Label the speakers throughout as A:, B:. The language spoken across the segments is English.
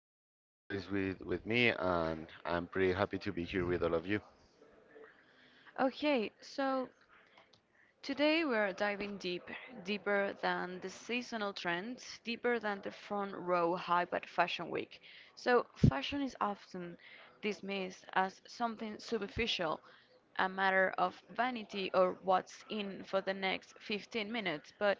A: share this space with me, and I'm pretty happy to be here with all of you.
B: Okay, so today we're diving deep, deeper than the seasonal trends, deeper than the front row hype at Fashion Week. So, fashion is often dismissed as something superficial, a matter of vanity or what's in for the next 15 minutes, but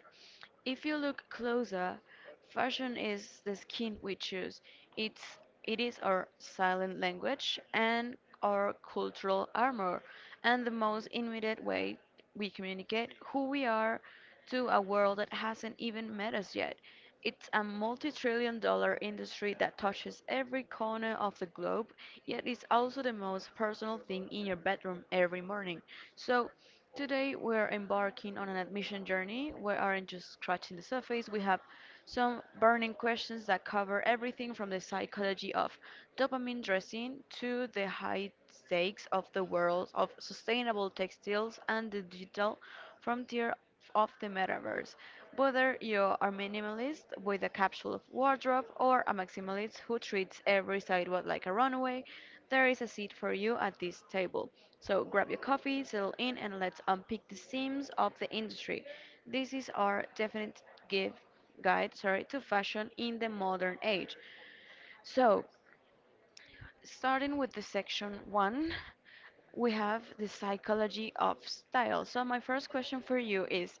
B: if you look closer, fashion is the skin we choose. It's it is our silent language and our cultural armor and the most immediate way we communicate who we are to a world that hasn't even met us yet. It's a multi-trillion dollar industry that touches every corner of the globe, yet is also the most personal thing in your bedroom every morning. So today, we're embarking on an admission journey. We aren't just scratching the surface, we have some burning questions that cover everything from the psychology of dopamine dressing to the high stakes of the world of sustainable textiles and the digital frontier of the metaverse. Whether you are minimalist with a capsule wardrobe or a maximalist who treats every sidewalk like a runway, there is a seat for you at this table. So grab your coffee, settle in, and let's unpick the themes of the industry. This is our definite give guide, sorry, to fashion in the modern age. So, starting with the section one, we have the psychology of style. So, my first question for you is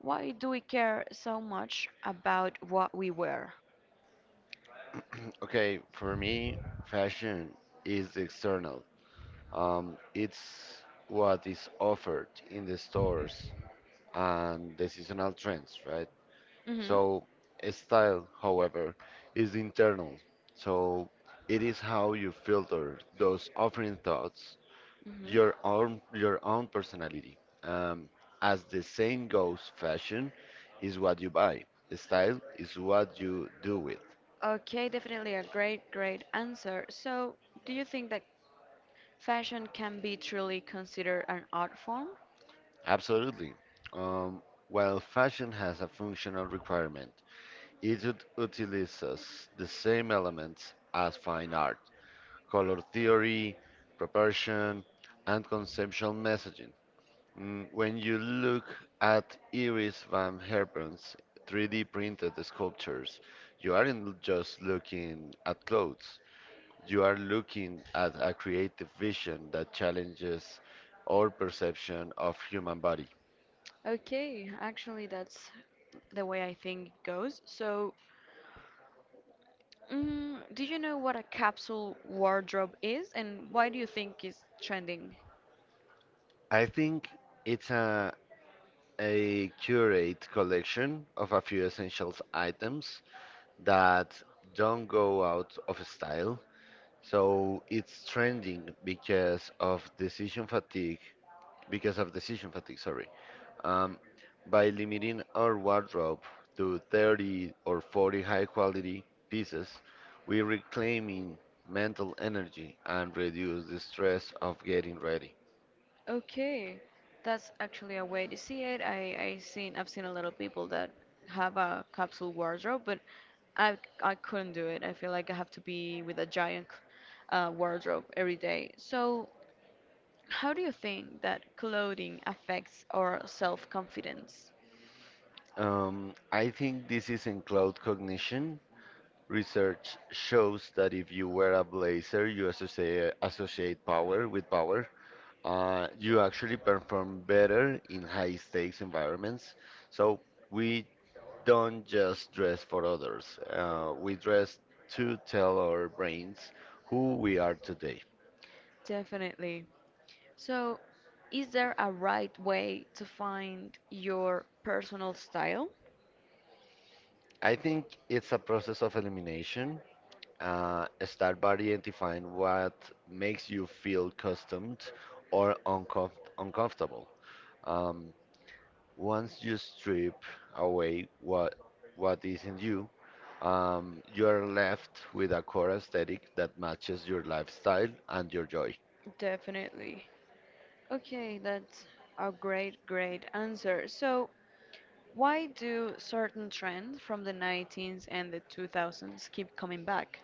B: why do we care so much about what we wear?
A: Okay, for me, fashion is external. It's what is offered in the stores and the seasonal trends, right?
B: hmm
A: So, a style, however, is internal. So, it is how you filter those offering thoughts your
B: hmm
A: own your own personality. Um, as the saying goes, fashion is what you buy. Style is what you do with.
B: Okay, definitely a great, great answer. So, do you think that fashion can be truly considered an art form?
A: Absolutely. Um, while fashion has a functional requirement, it utilizes the same elements as fine art, color theory, proportion, and conceptual messaging. When you look at Iris van Herpen's 3D printed sculptures, you aren't just looking at clothes. You are looking at a creative vision that challenges our perception of human body.
B: Okay, actually, that's the way I think it goes. So, do you know what a capsule wardrobe is and why do you think it's trending?
A: I think it's a curate collection of a few essential items that don't go out of style. So it's trending because of decision fatigue because of decision fatigue, sorry. Um, by limiting our wardrobe to 30 or 40 high quality pieces, we reclaiming mental energy and reduce the stress of getting ready.
B: Okay, that's actually a way to see it. I've seen a lot of people that have a capsule wardrobe, but I couldn't do it. I feel like I have to be with a giant wardrobe every day. So how do you think that clothing affects our self confidence?
A: I think this is in cloud cognition. Research shows that if you wear a blazer, you associate power with power. You actually perform better in high stakes environments. So we don't just dress for others. We dress to tell our brains who we are today.
B: Definitely. So, is there a right way to find your personal style?
A: I think it's a process of elimination. Start by identifying what makes you feel accustomed or uncomfortable. Um, Once you strip away what isn't you, you are left with a core aesthetic that matches your lifestyle and your joy.
B: Definitely. Okay, that's a great, great answer. So, why do certain trends from the 19s and the 2000s keep coming back?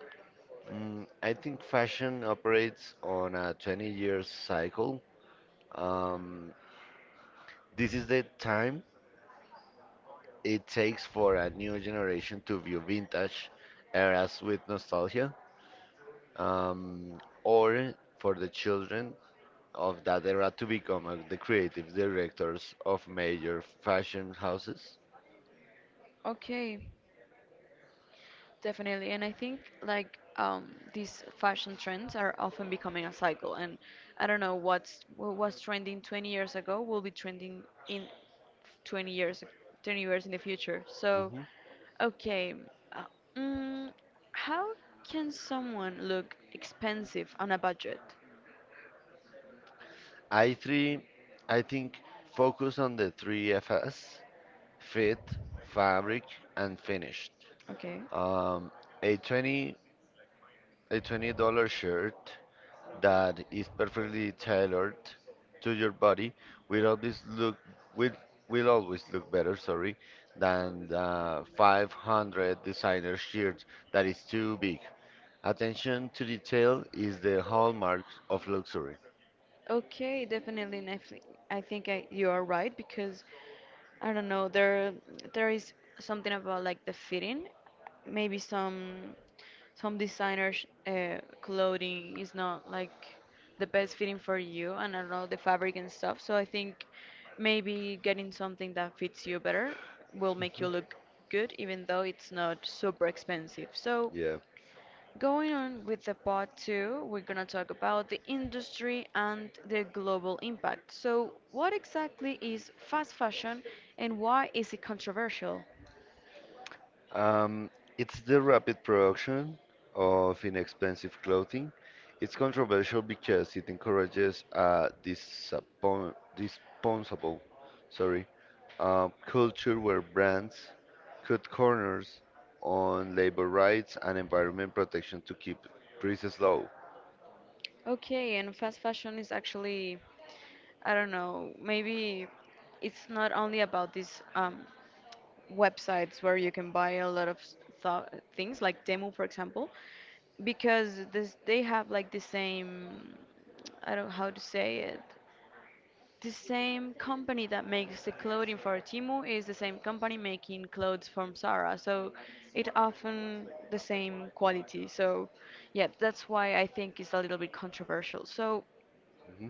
A: I think fashion operates on a 20 years cycle. Um, this is the time it takes for a new generation to view vintage eras with nostalgia, or for the children of that era to become the creative directors of major fashion houses.
B: Okay, definitely, and I think these fashion trends are often becoming a cycle, and I don't know what was trending 20 years ago will be trending in 20 years, 20 years in the future. So,
A: hmm
B: okay, uh, mm, how can someone look expensive on a budget?
A: I3, I think, focus on the three Fs: fit, fabric, and finished.
B: Okay.
A: Um, a 20 a $20 shirt that is perfectly tailored to your body will always look will will always look better than the 500 designer shirt that is too big. Attention to detail is the hallmark of luxury.
B: Okay, definitely. And you are right because I don't know. There is something about like the fitting. Maybe some designers clothing is not like the best fitting for you, and I don't know the fabric and stuff. So I think maybe getting something that fits you better will make you look good, even though it's not super expensive. So. Going on with the part two, we're going to talk about the industry and the global impact. So, what exactly is fast fashion and why is it controversial?
A: Um, it's the rapid production of inexpensive clothing. It's controversial because it encourages a disposable, sorry, culture where brands cut corners on labor rights and environment protection to keep prices low.
B: Okay, and fast fashion is actually, I don't know, maybe it's not only about these websites where you can buy a lot of tho- things, like Temu, for example, because this, they have like the same, I don't know how to say it, the same company that makes the clothing for Timu is the same company making clothes from Zara, so it often the same quality. So, yeah, that's why I think it's a little bit controversial. So,
A: Mhm.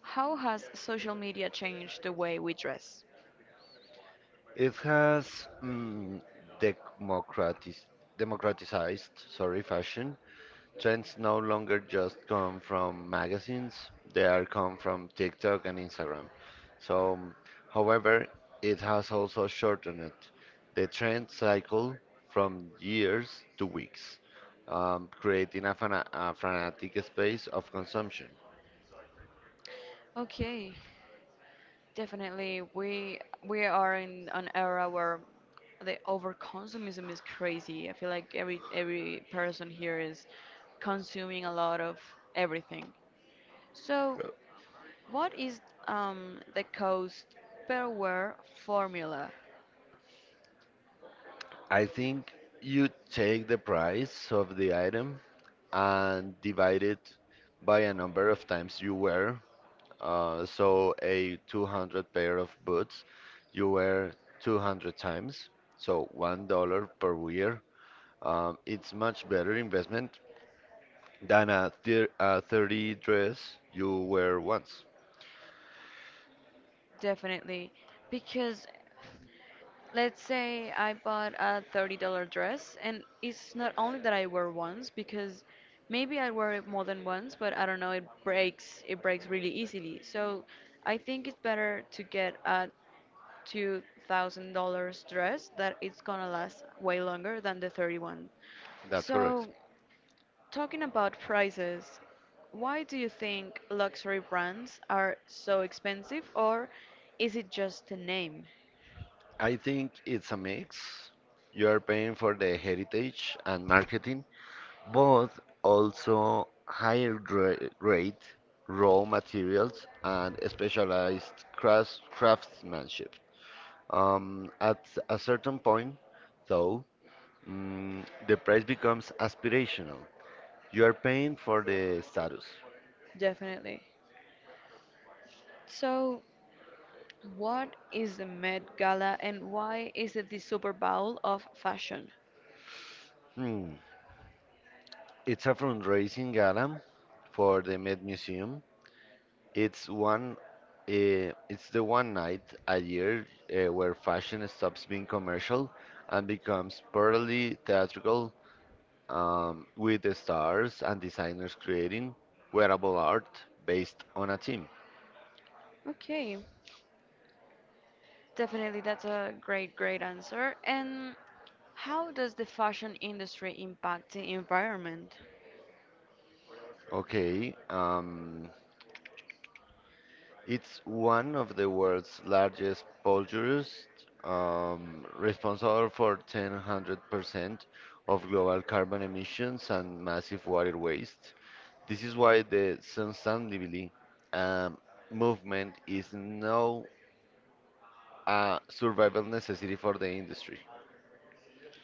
B: how has social media changed the way we dress?
A: It has democratis- democratized fashion. Trends no longer just come from magazines, they are come from TikTok and Instagram. So, however, it has also shortened the trend cycle from years to weeks, creating a fanatic space of consumption.
B: Okay, definitely we are in an era where the overconsumism is crazy. I feel like every person here is consuming a lot of everything. So what is the cost per wear formula?
A: I think you take the price of the item and divide it by a number of times you wear. So a 200 pair of boots you wear 200 times, so $1 per wear. It's much better investment than a 30 dress you wear once.
B: Definitely. Because let's say I bought a $30 dress, and it's not only that I wear once, because maybe I wear it more than once, but I don't know, it breaks really easily. So I think it's better to get a $2,000 dress that it's gonna last way longer than the 31.
A: That's correct.
B: So talking about prices, why do you think luxury brands are so expensive, or is it just a name?
A: I think it's a mix. You are paying for the heritage and marketing, but also higher grade raw materials and specialized craftsmanship. At a certain point, though, the price becomes aspirational. You are paying for the status.
B: Definitely. So, what is the Met Gala and why is it the Super Bowl of fashion?
A: Hmm. It's a fundraising gala for the Met Museum. It's one. It's the one night a year where fashion stops being commercial and becomes purely theatrical, with the stars and designers creating wearable art based on a theme.
B: Okay, definitely that's a great, great answer. And how does the fashion industry impact the environment?
A: Okay. It's one of the world's largest polluters, responsible for 1,000% of global carbon emissions and massive water waste. This is why the sustainability um, movement is now a survival necessity for the industry.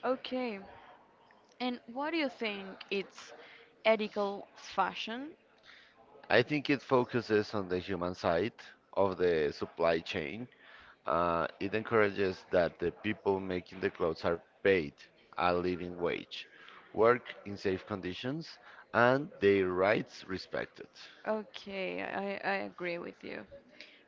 B: Okay, and what do you think it's ethical fashion?
A: I think it focuses on the human side of the supply chain. It encourages that the people making the clothes are paid a living wage, work in safe conditions, and their rights respected.
B: Okay, I agree with you.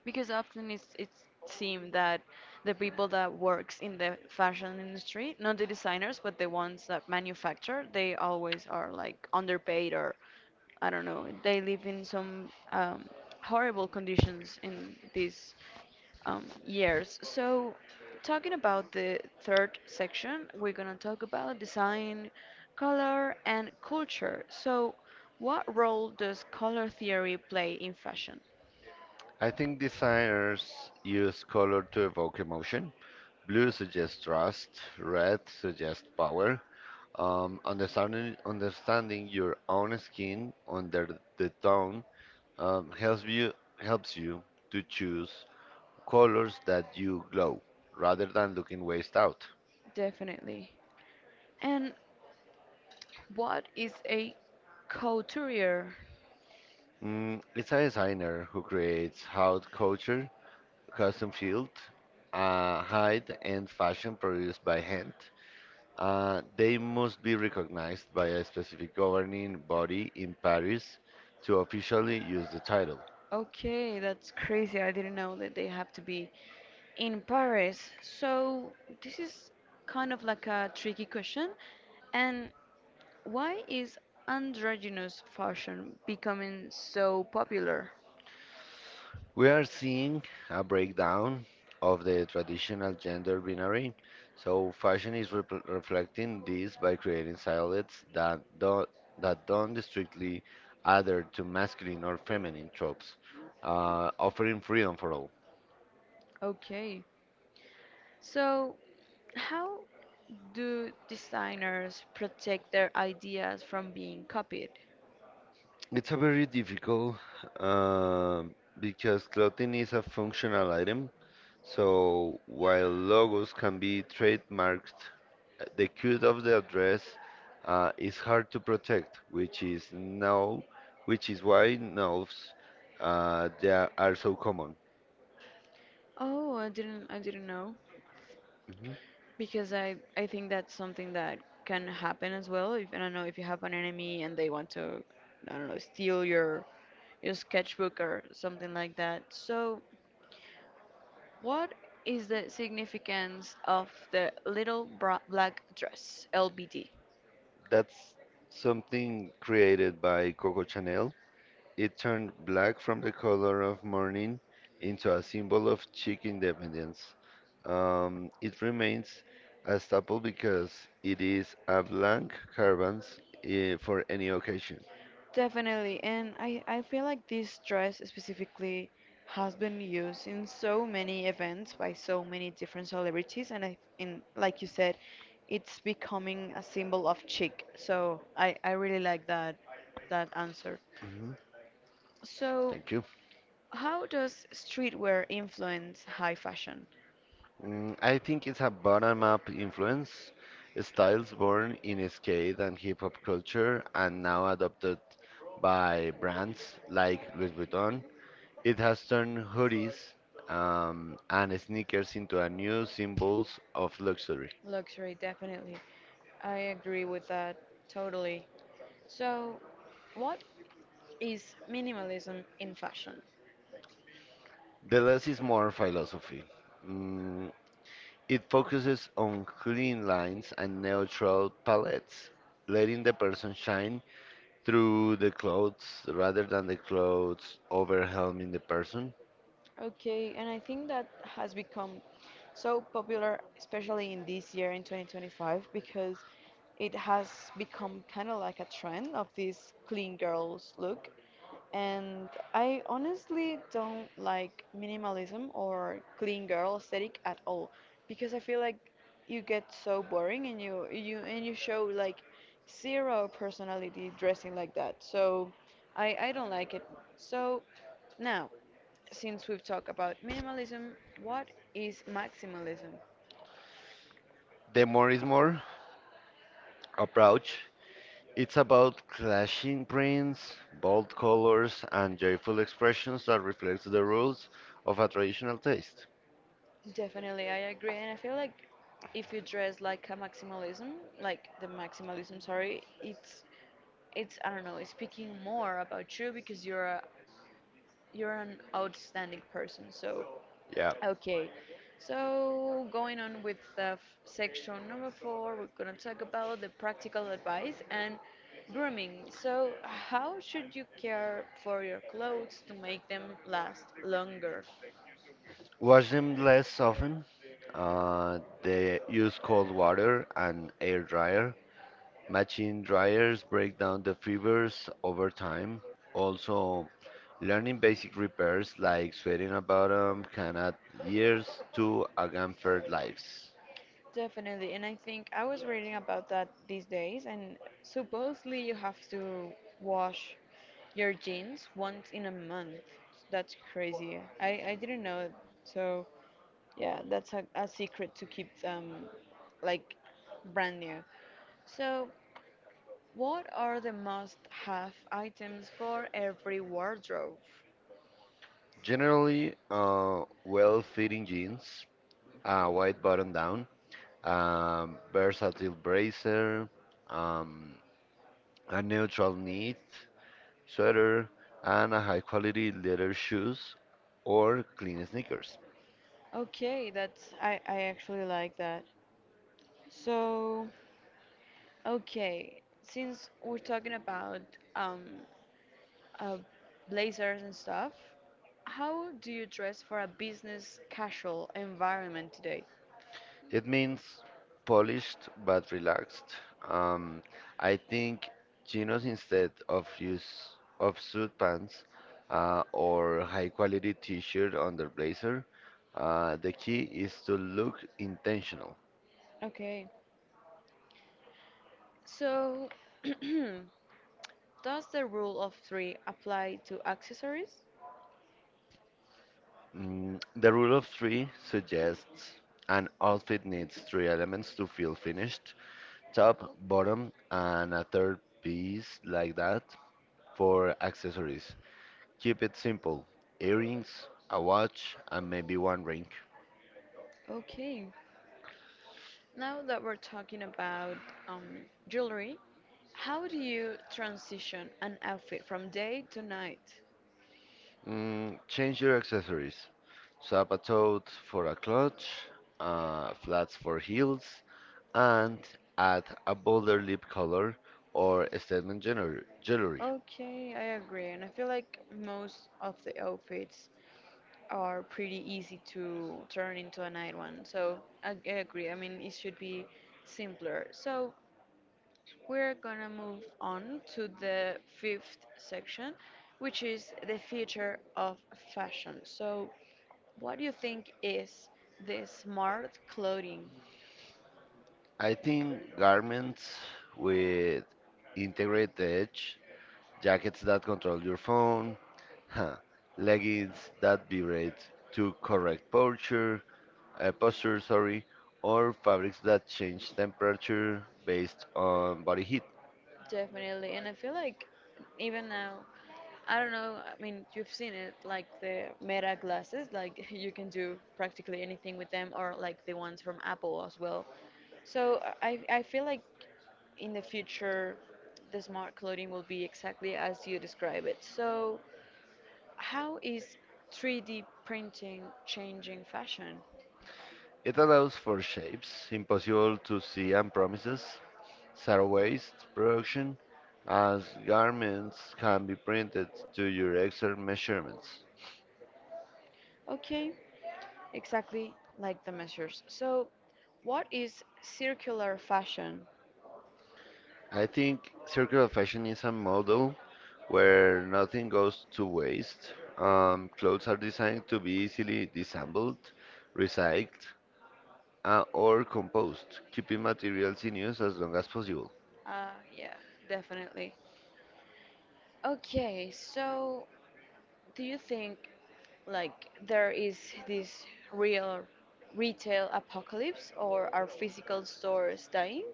B: Because often it's seemed that the people that works in the fashion industry, not the designers, but the ones that manufacture, they always are like underpaid or I don't know, they live in some horrible conditions in this. Yes, so talking about the third section, we're gonna talk about design, color, and culture. So, what role does color theory play in fashion?
A: I think designers use color to evoke emotion. Blue suggests trust, red suggests power. Understanding your own skin under the tone um, helps you helps you to choose colors that you glow rather than looking waist out.
B: Definitely. And what is a couturier?
A: It's a designer who creates haute couture, custom field, hide, and fashion produced by hand. They must be recognized by a specific governing body in Paris to officially use the title.
B: Okay, that's crazy. I didn't know that they have to be in Paris. So, this is kind of like a tricky question. And why is androgynous fashion becoming so popular?
A: We are seeing a breakdown of the traditional gender binary. So, fashion is repl reflecting this by creating silhouettes that don't strictly adhere to masculine or feminine tropes, offering freedom for all.
B: Okay, so how do designers protect their ideas from being copied?
A: It's a very difficult um because clothing is a functional item. So, while logos can be trademarked, the code of the address is hard to protect, which is why nodes they are so common.
B: Oh, I didn't know
A: Mhm.
B: because I think that's something that can happen as well. If I don't know if you have an enemy and they want to I don't know steal your sketchbook or something like that. So what is the significance of the little black dress, LBD?
A: That's something created by Coco Chanel. It turned black from the color of mourning into a symbol of chic independence. It remains a staple because it is a blank canvas for any occasion.
B: Definitely, and I feel like this dress specifically has been used in so many events by so many different celebrities, and I, in like you said, it's becoming a symbol of chic. So I really like that answer.
A: Mhm.
B: So,
A: Thank you.
B: how does streetwear influence high fashion?
A: I think it's a bottom-up influence, styles born in skate and hip-hop culture and now adopted by brands like Louis Vuitton. It has turned hoodies and sneakers into a new symbols of luxury.
B: Luxury, definitely. I agree with that totally. So, what is minimalism in fashion?
A: The less is more philosophy. Mm, It focuses on clean lines and neutral palettes, letting the person shine through the clothes rather than the clothes overwhelming the person.
B: Okay, and I think that has become so popular, especially in this year in 2025, because it has become kind of like a trend of this clean girls look. And I honestly don't like minimalism or clean girl aesthetic at all because I feel like you get so boring and you and you show like zero personality dressing like that. So I don't like it. So now since we've talked about minimalism, what is maximalism?
A: The more is more approach. It's about clashing prints, bold colors, and joyful expressions that reflects the rules of a traditional taste.
B: Definitely, I agree, and I feel like if you dress like a maximalism, like the maximalism, sorry, it's I don't know, it's speaking more about you because you're an outstanding person. So
A: Yeah.
B: okay, so going on with the section number four, we're going to talk about the practical advice and grooming. So, how should you care for your clothes to make them last longer?
A: Wash them less often. They use cold water and air dryer. Machine dryers break down the fibers over time. Also, learning basic repairs like sweating about them can add years to a gamfer's lives.
B: Definitely, and I think I was reading about that these days, and supposedly you have to wash your jeans once in a month. That's crazy. I didn't know it. So. Yeah, that's a secret to keep like brand new. So, what are the must-have items for every wardrobe?
A: Generally, well-fitting jeans, a white button down, versatile bracer, um, a neutral knit sweater, and a high-quality leather shoes or clean sneakers.
B: Okay, that's I actually like that. So, okay, since we're talking about um uh, blazers and stuff, how do you dress for a business casual environment today?
A: It means polished but relaxed. Um, I think chinos instead of use of suit pants or high quality t-shirt under blazer. The key is to look intentional.
B: Okay. So, does the rule of three apply to accessories?
A: The rule of three suggests an outfit needs three elements to feel finished: top, bottom, and a third piece like that for accessories. Keep it simple earrings, a watch, and maybe one ring.
B: Okay. Now that we're talking about um, jewelry, how do you transition an outfit from day to night?
A: Change your accessories. Sapatos for a clutch, flats for heels, and add a bolder lip color or a statement jewelry.
B: Okay, I agree. And I feel like most of the outfits are pretty easy to turn into a night one. So I agree. I mean, it should be simpler. So we're gonna move on to the fifth section, which is the future of fashion. So, what do you think is the smart clothing?
A: I think garments with integrated edge, jackets that control your phone, leggings that vibrate to correct posture, or fabrics that change temperature based on body heat.
B: Definitely, and I feel like even now, I don't know, I mean, you've seen it, like the Meta glasses, like you can do practically anything with them, or like the ones from Apple as well. So I feel like in the future, the smart clothing will be exactly as you describe it. So how is 3D printing changing fashion?
A: It allows for shapes impossible to see and promises zero waste production, as garments can be printed to your exact measurements.
B: Okay, exactly like the measures. So, what is circular fashion?
A: I think circular fashion is a model where nothing goes to waste. Clothes are designed to be easily disassembled, recycled, or compost, keeping materials in use as long as possible.
B: Yeah, definitely. Okay, so do you think like there is this real retail apocalypse or are physical stores dying?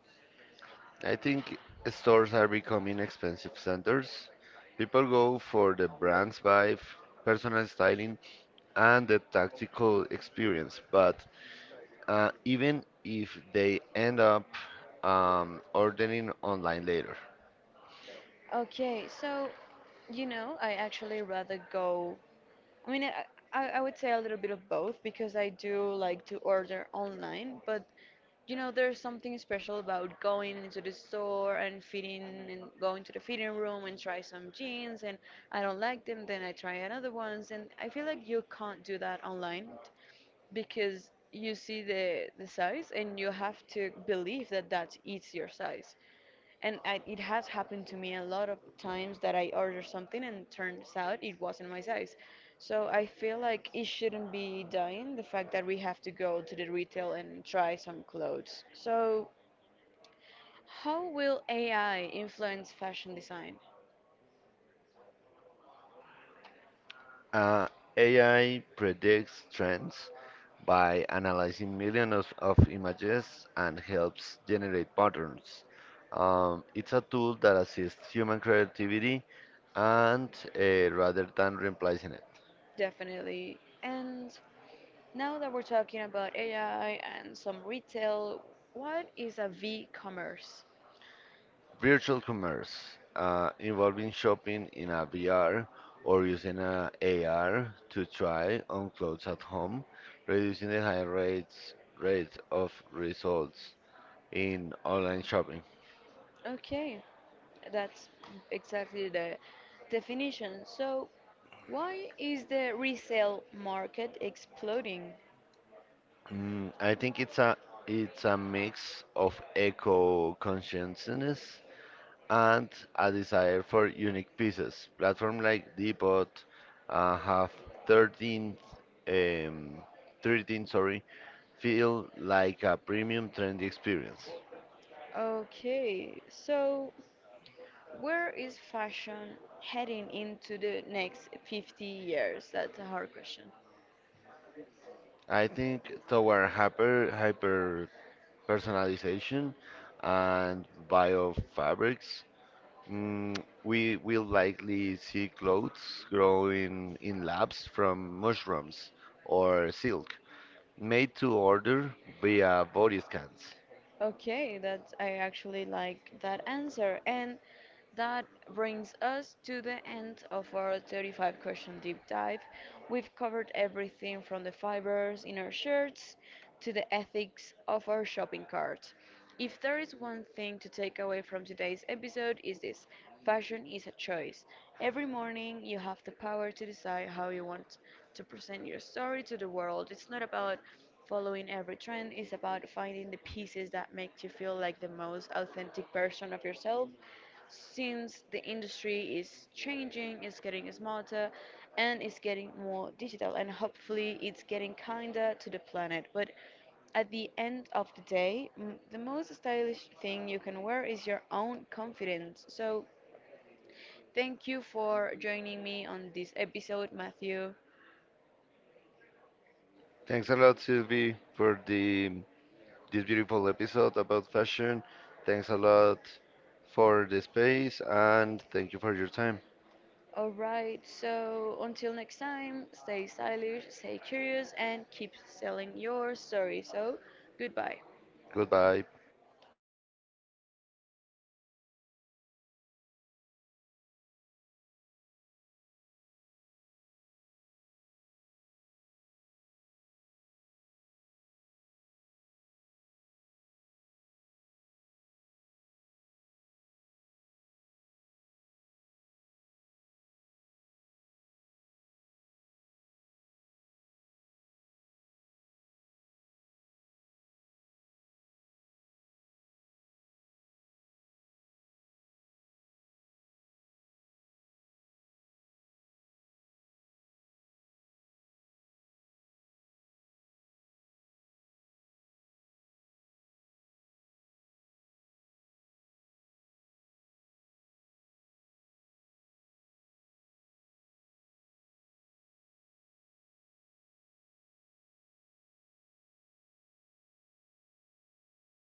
A: I think stores are becoming expensive centers. People go for the brands vibe, personal styling, and the tactical experience. But even if they end up ordering online later.
B: Okay, so you know, I actually rather go I mean, I would say a little bit of both because I do like to order online, but you know, there's something special about going into the store and fitting and going to the fitting room and try some jeans and I don't like them, then I try another ones and I feel like you can't do that online because you see the size and you have to believe that that's it's your size. And I, it has happened to me a lot of times that I order something and turns out it wasn't my size. So I feel like it shouldn't be dying the fact that we have to go to the retail and try some clothes. So, how will AI influence fashion design?
A: Uh, AI predicts trends by analyzing millions of images and helps generate patterns. It's a tool that assists human creativity and rather than replacing it.
B: Definitely. And now that we're talking about AI and some retail, what is a V commerce?
A: Virtual commerce involving shopping in a VR or using a AR to try on clothes at home, reducing the high rate of results in online shopping.
B: Okay, that's exactly the definition. So, why is the resale market exploding?
A: I think it's a mix of eco-consciousness and a desire for unique pieces. Platform like Depot have 13, um, 13, feel like a premium trendy experience.
B: Okay, so where is fashion heading into the next 50 years? That's a hard question.
A: I think toward hyper personalization and bio fabrics. Mm, we will likely see clothes growing in labs from mushrooms or silk, made to order via body scans.
B: Okay, that I actually like that answer. And that brings us to the end of our 35 question deep dive. We've covered everything from the fibers in our shirts to the ethics of our shopping cart. If there is one thing to take away from today's episode is this. Fashion is a choice. Every morning you have the power to decide how you want to present your story to the world. It's not about following every trend is about finding the pieces that make you feel like the most authentic version of yourself. Since the industry is changing, it's getting smarter, and it's getting more digital, and hopefully, it's getting kinder to the planet. But at the end of the day, the most stylish thing you can wear is your own confidence. So, thank you for joining me on this episode, Matthew.
A: Thanks a lot, Sylvie, for the this beautiful episode about fashion. Thanks a lot for the space, and thank you for your time.
B: All right, so until next time, stay stylish, stay curious, and keep selling your story. So, goodbye.
A: Goodbye.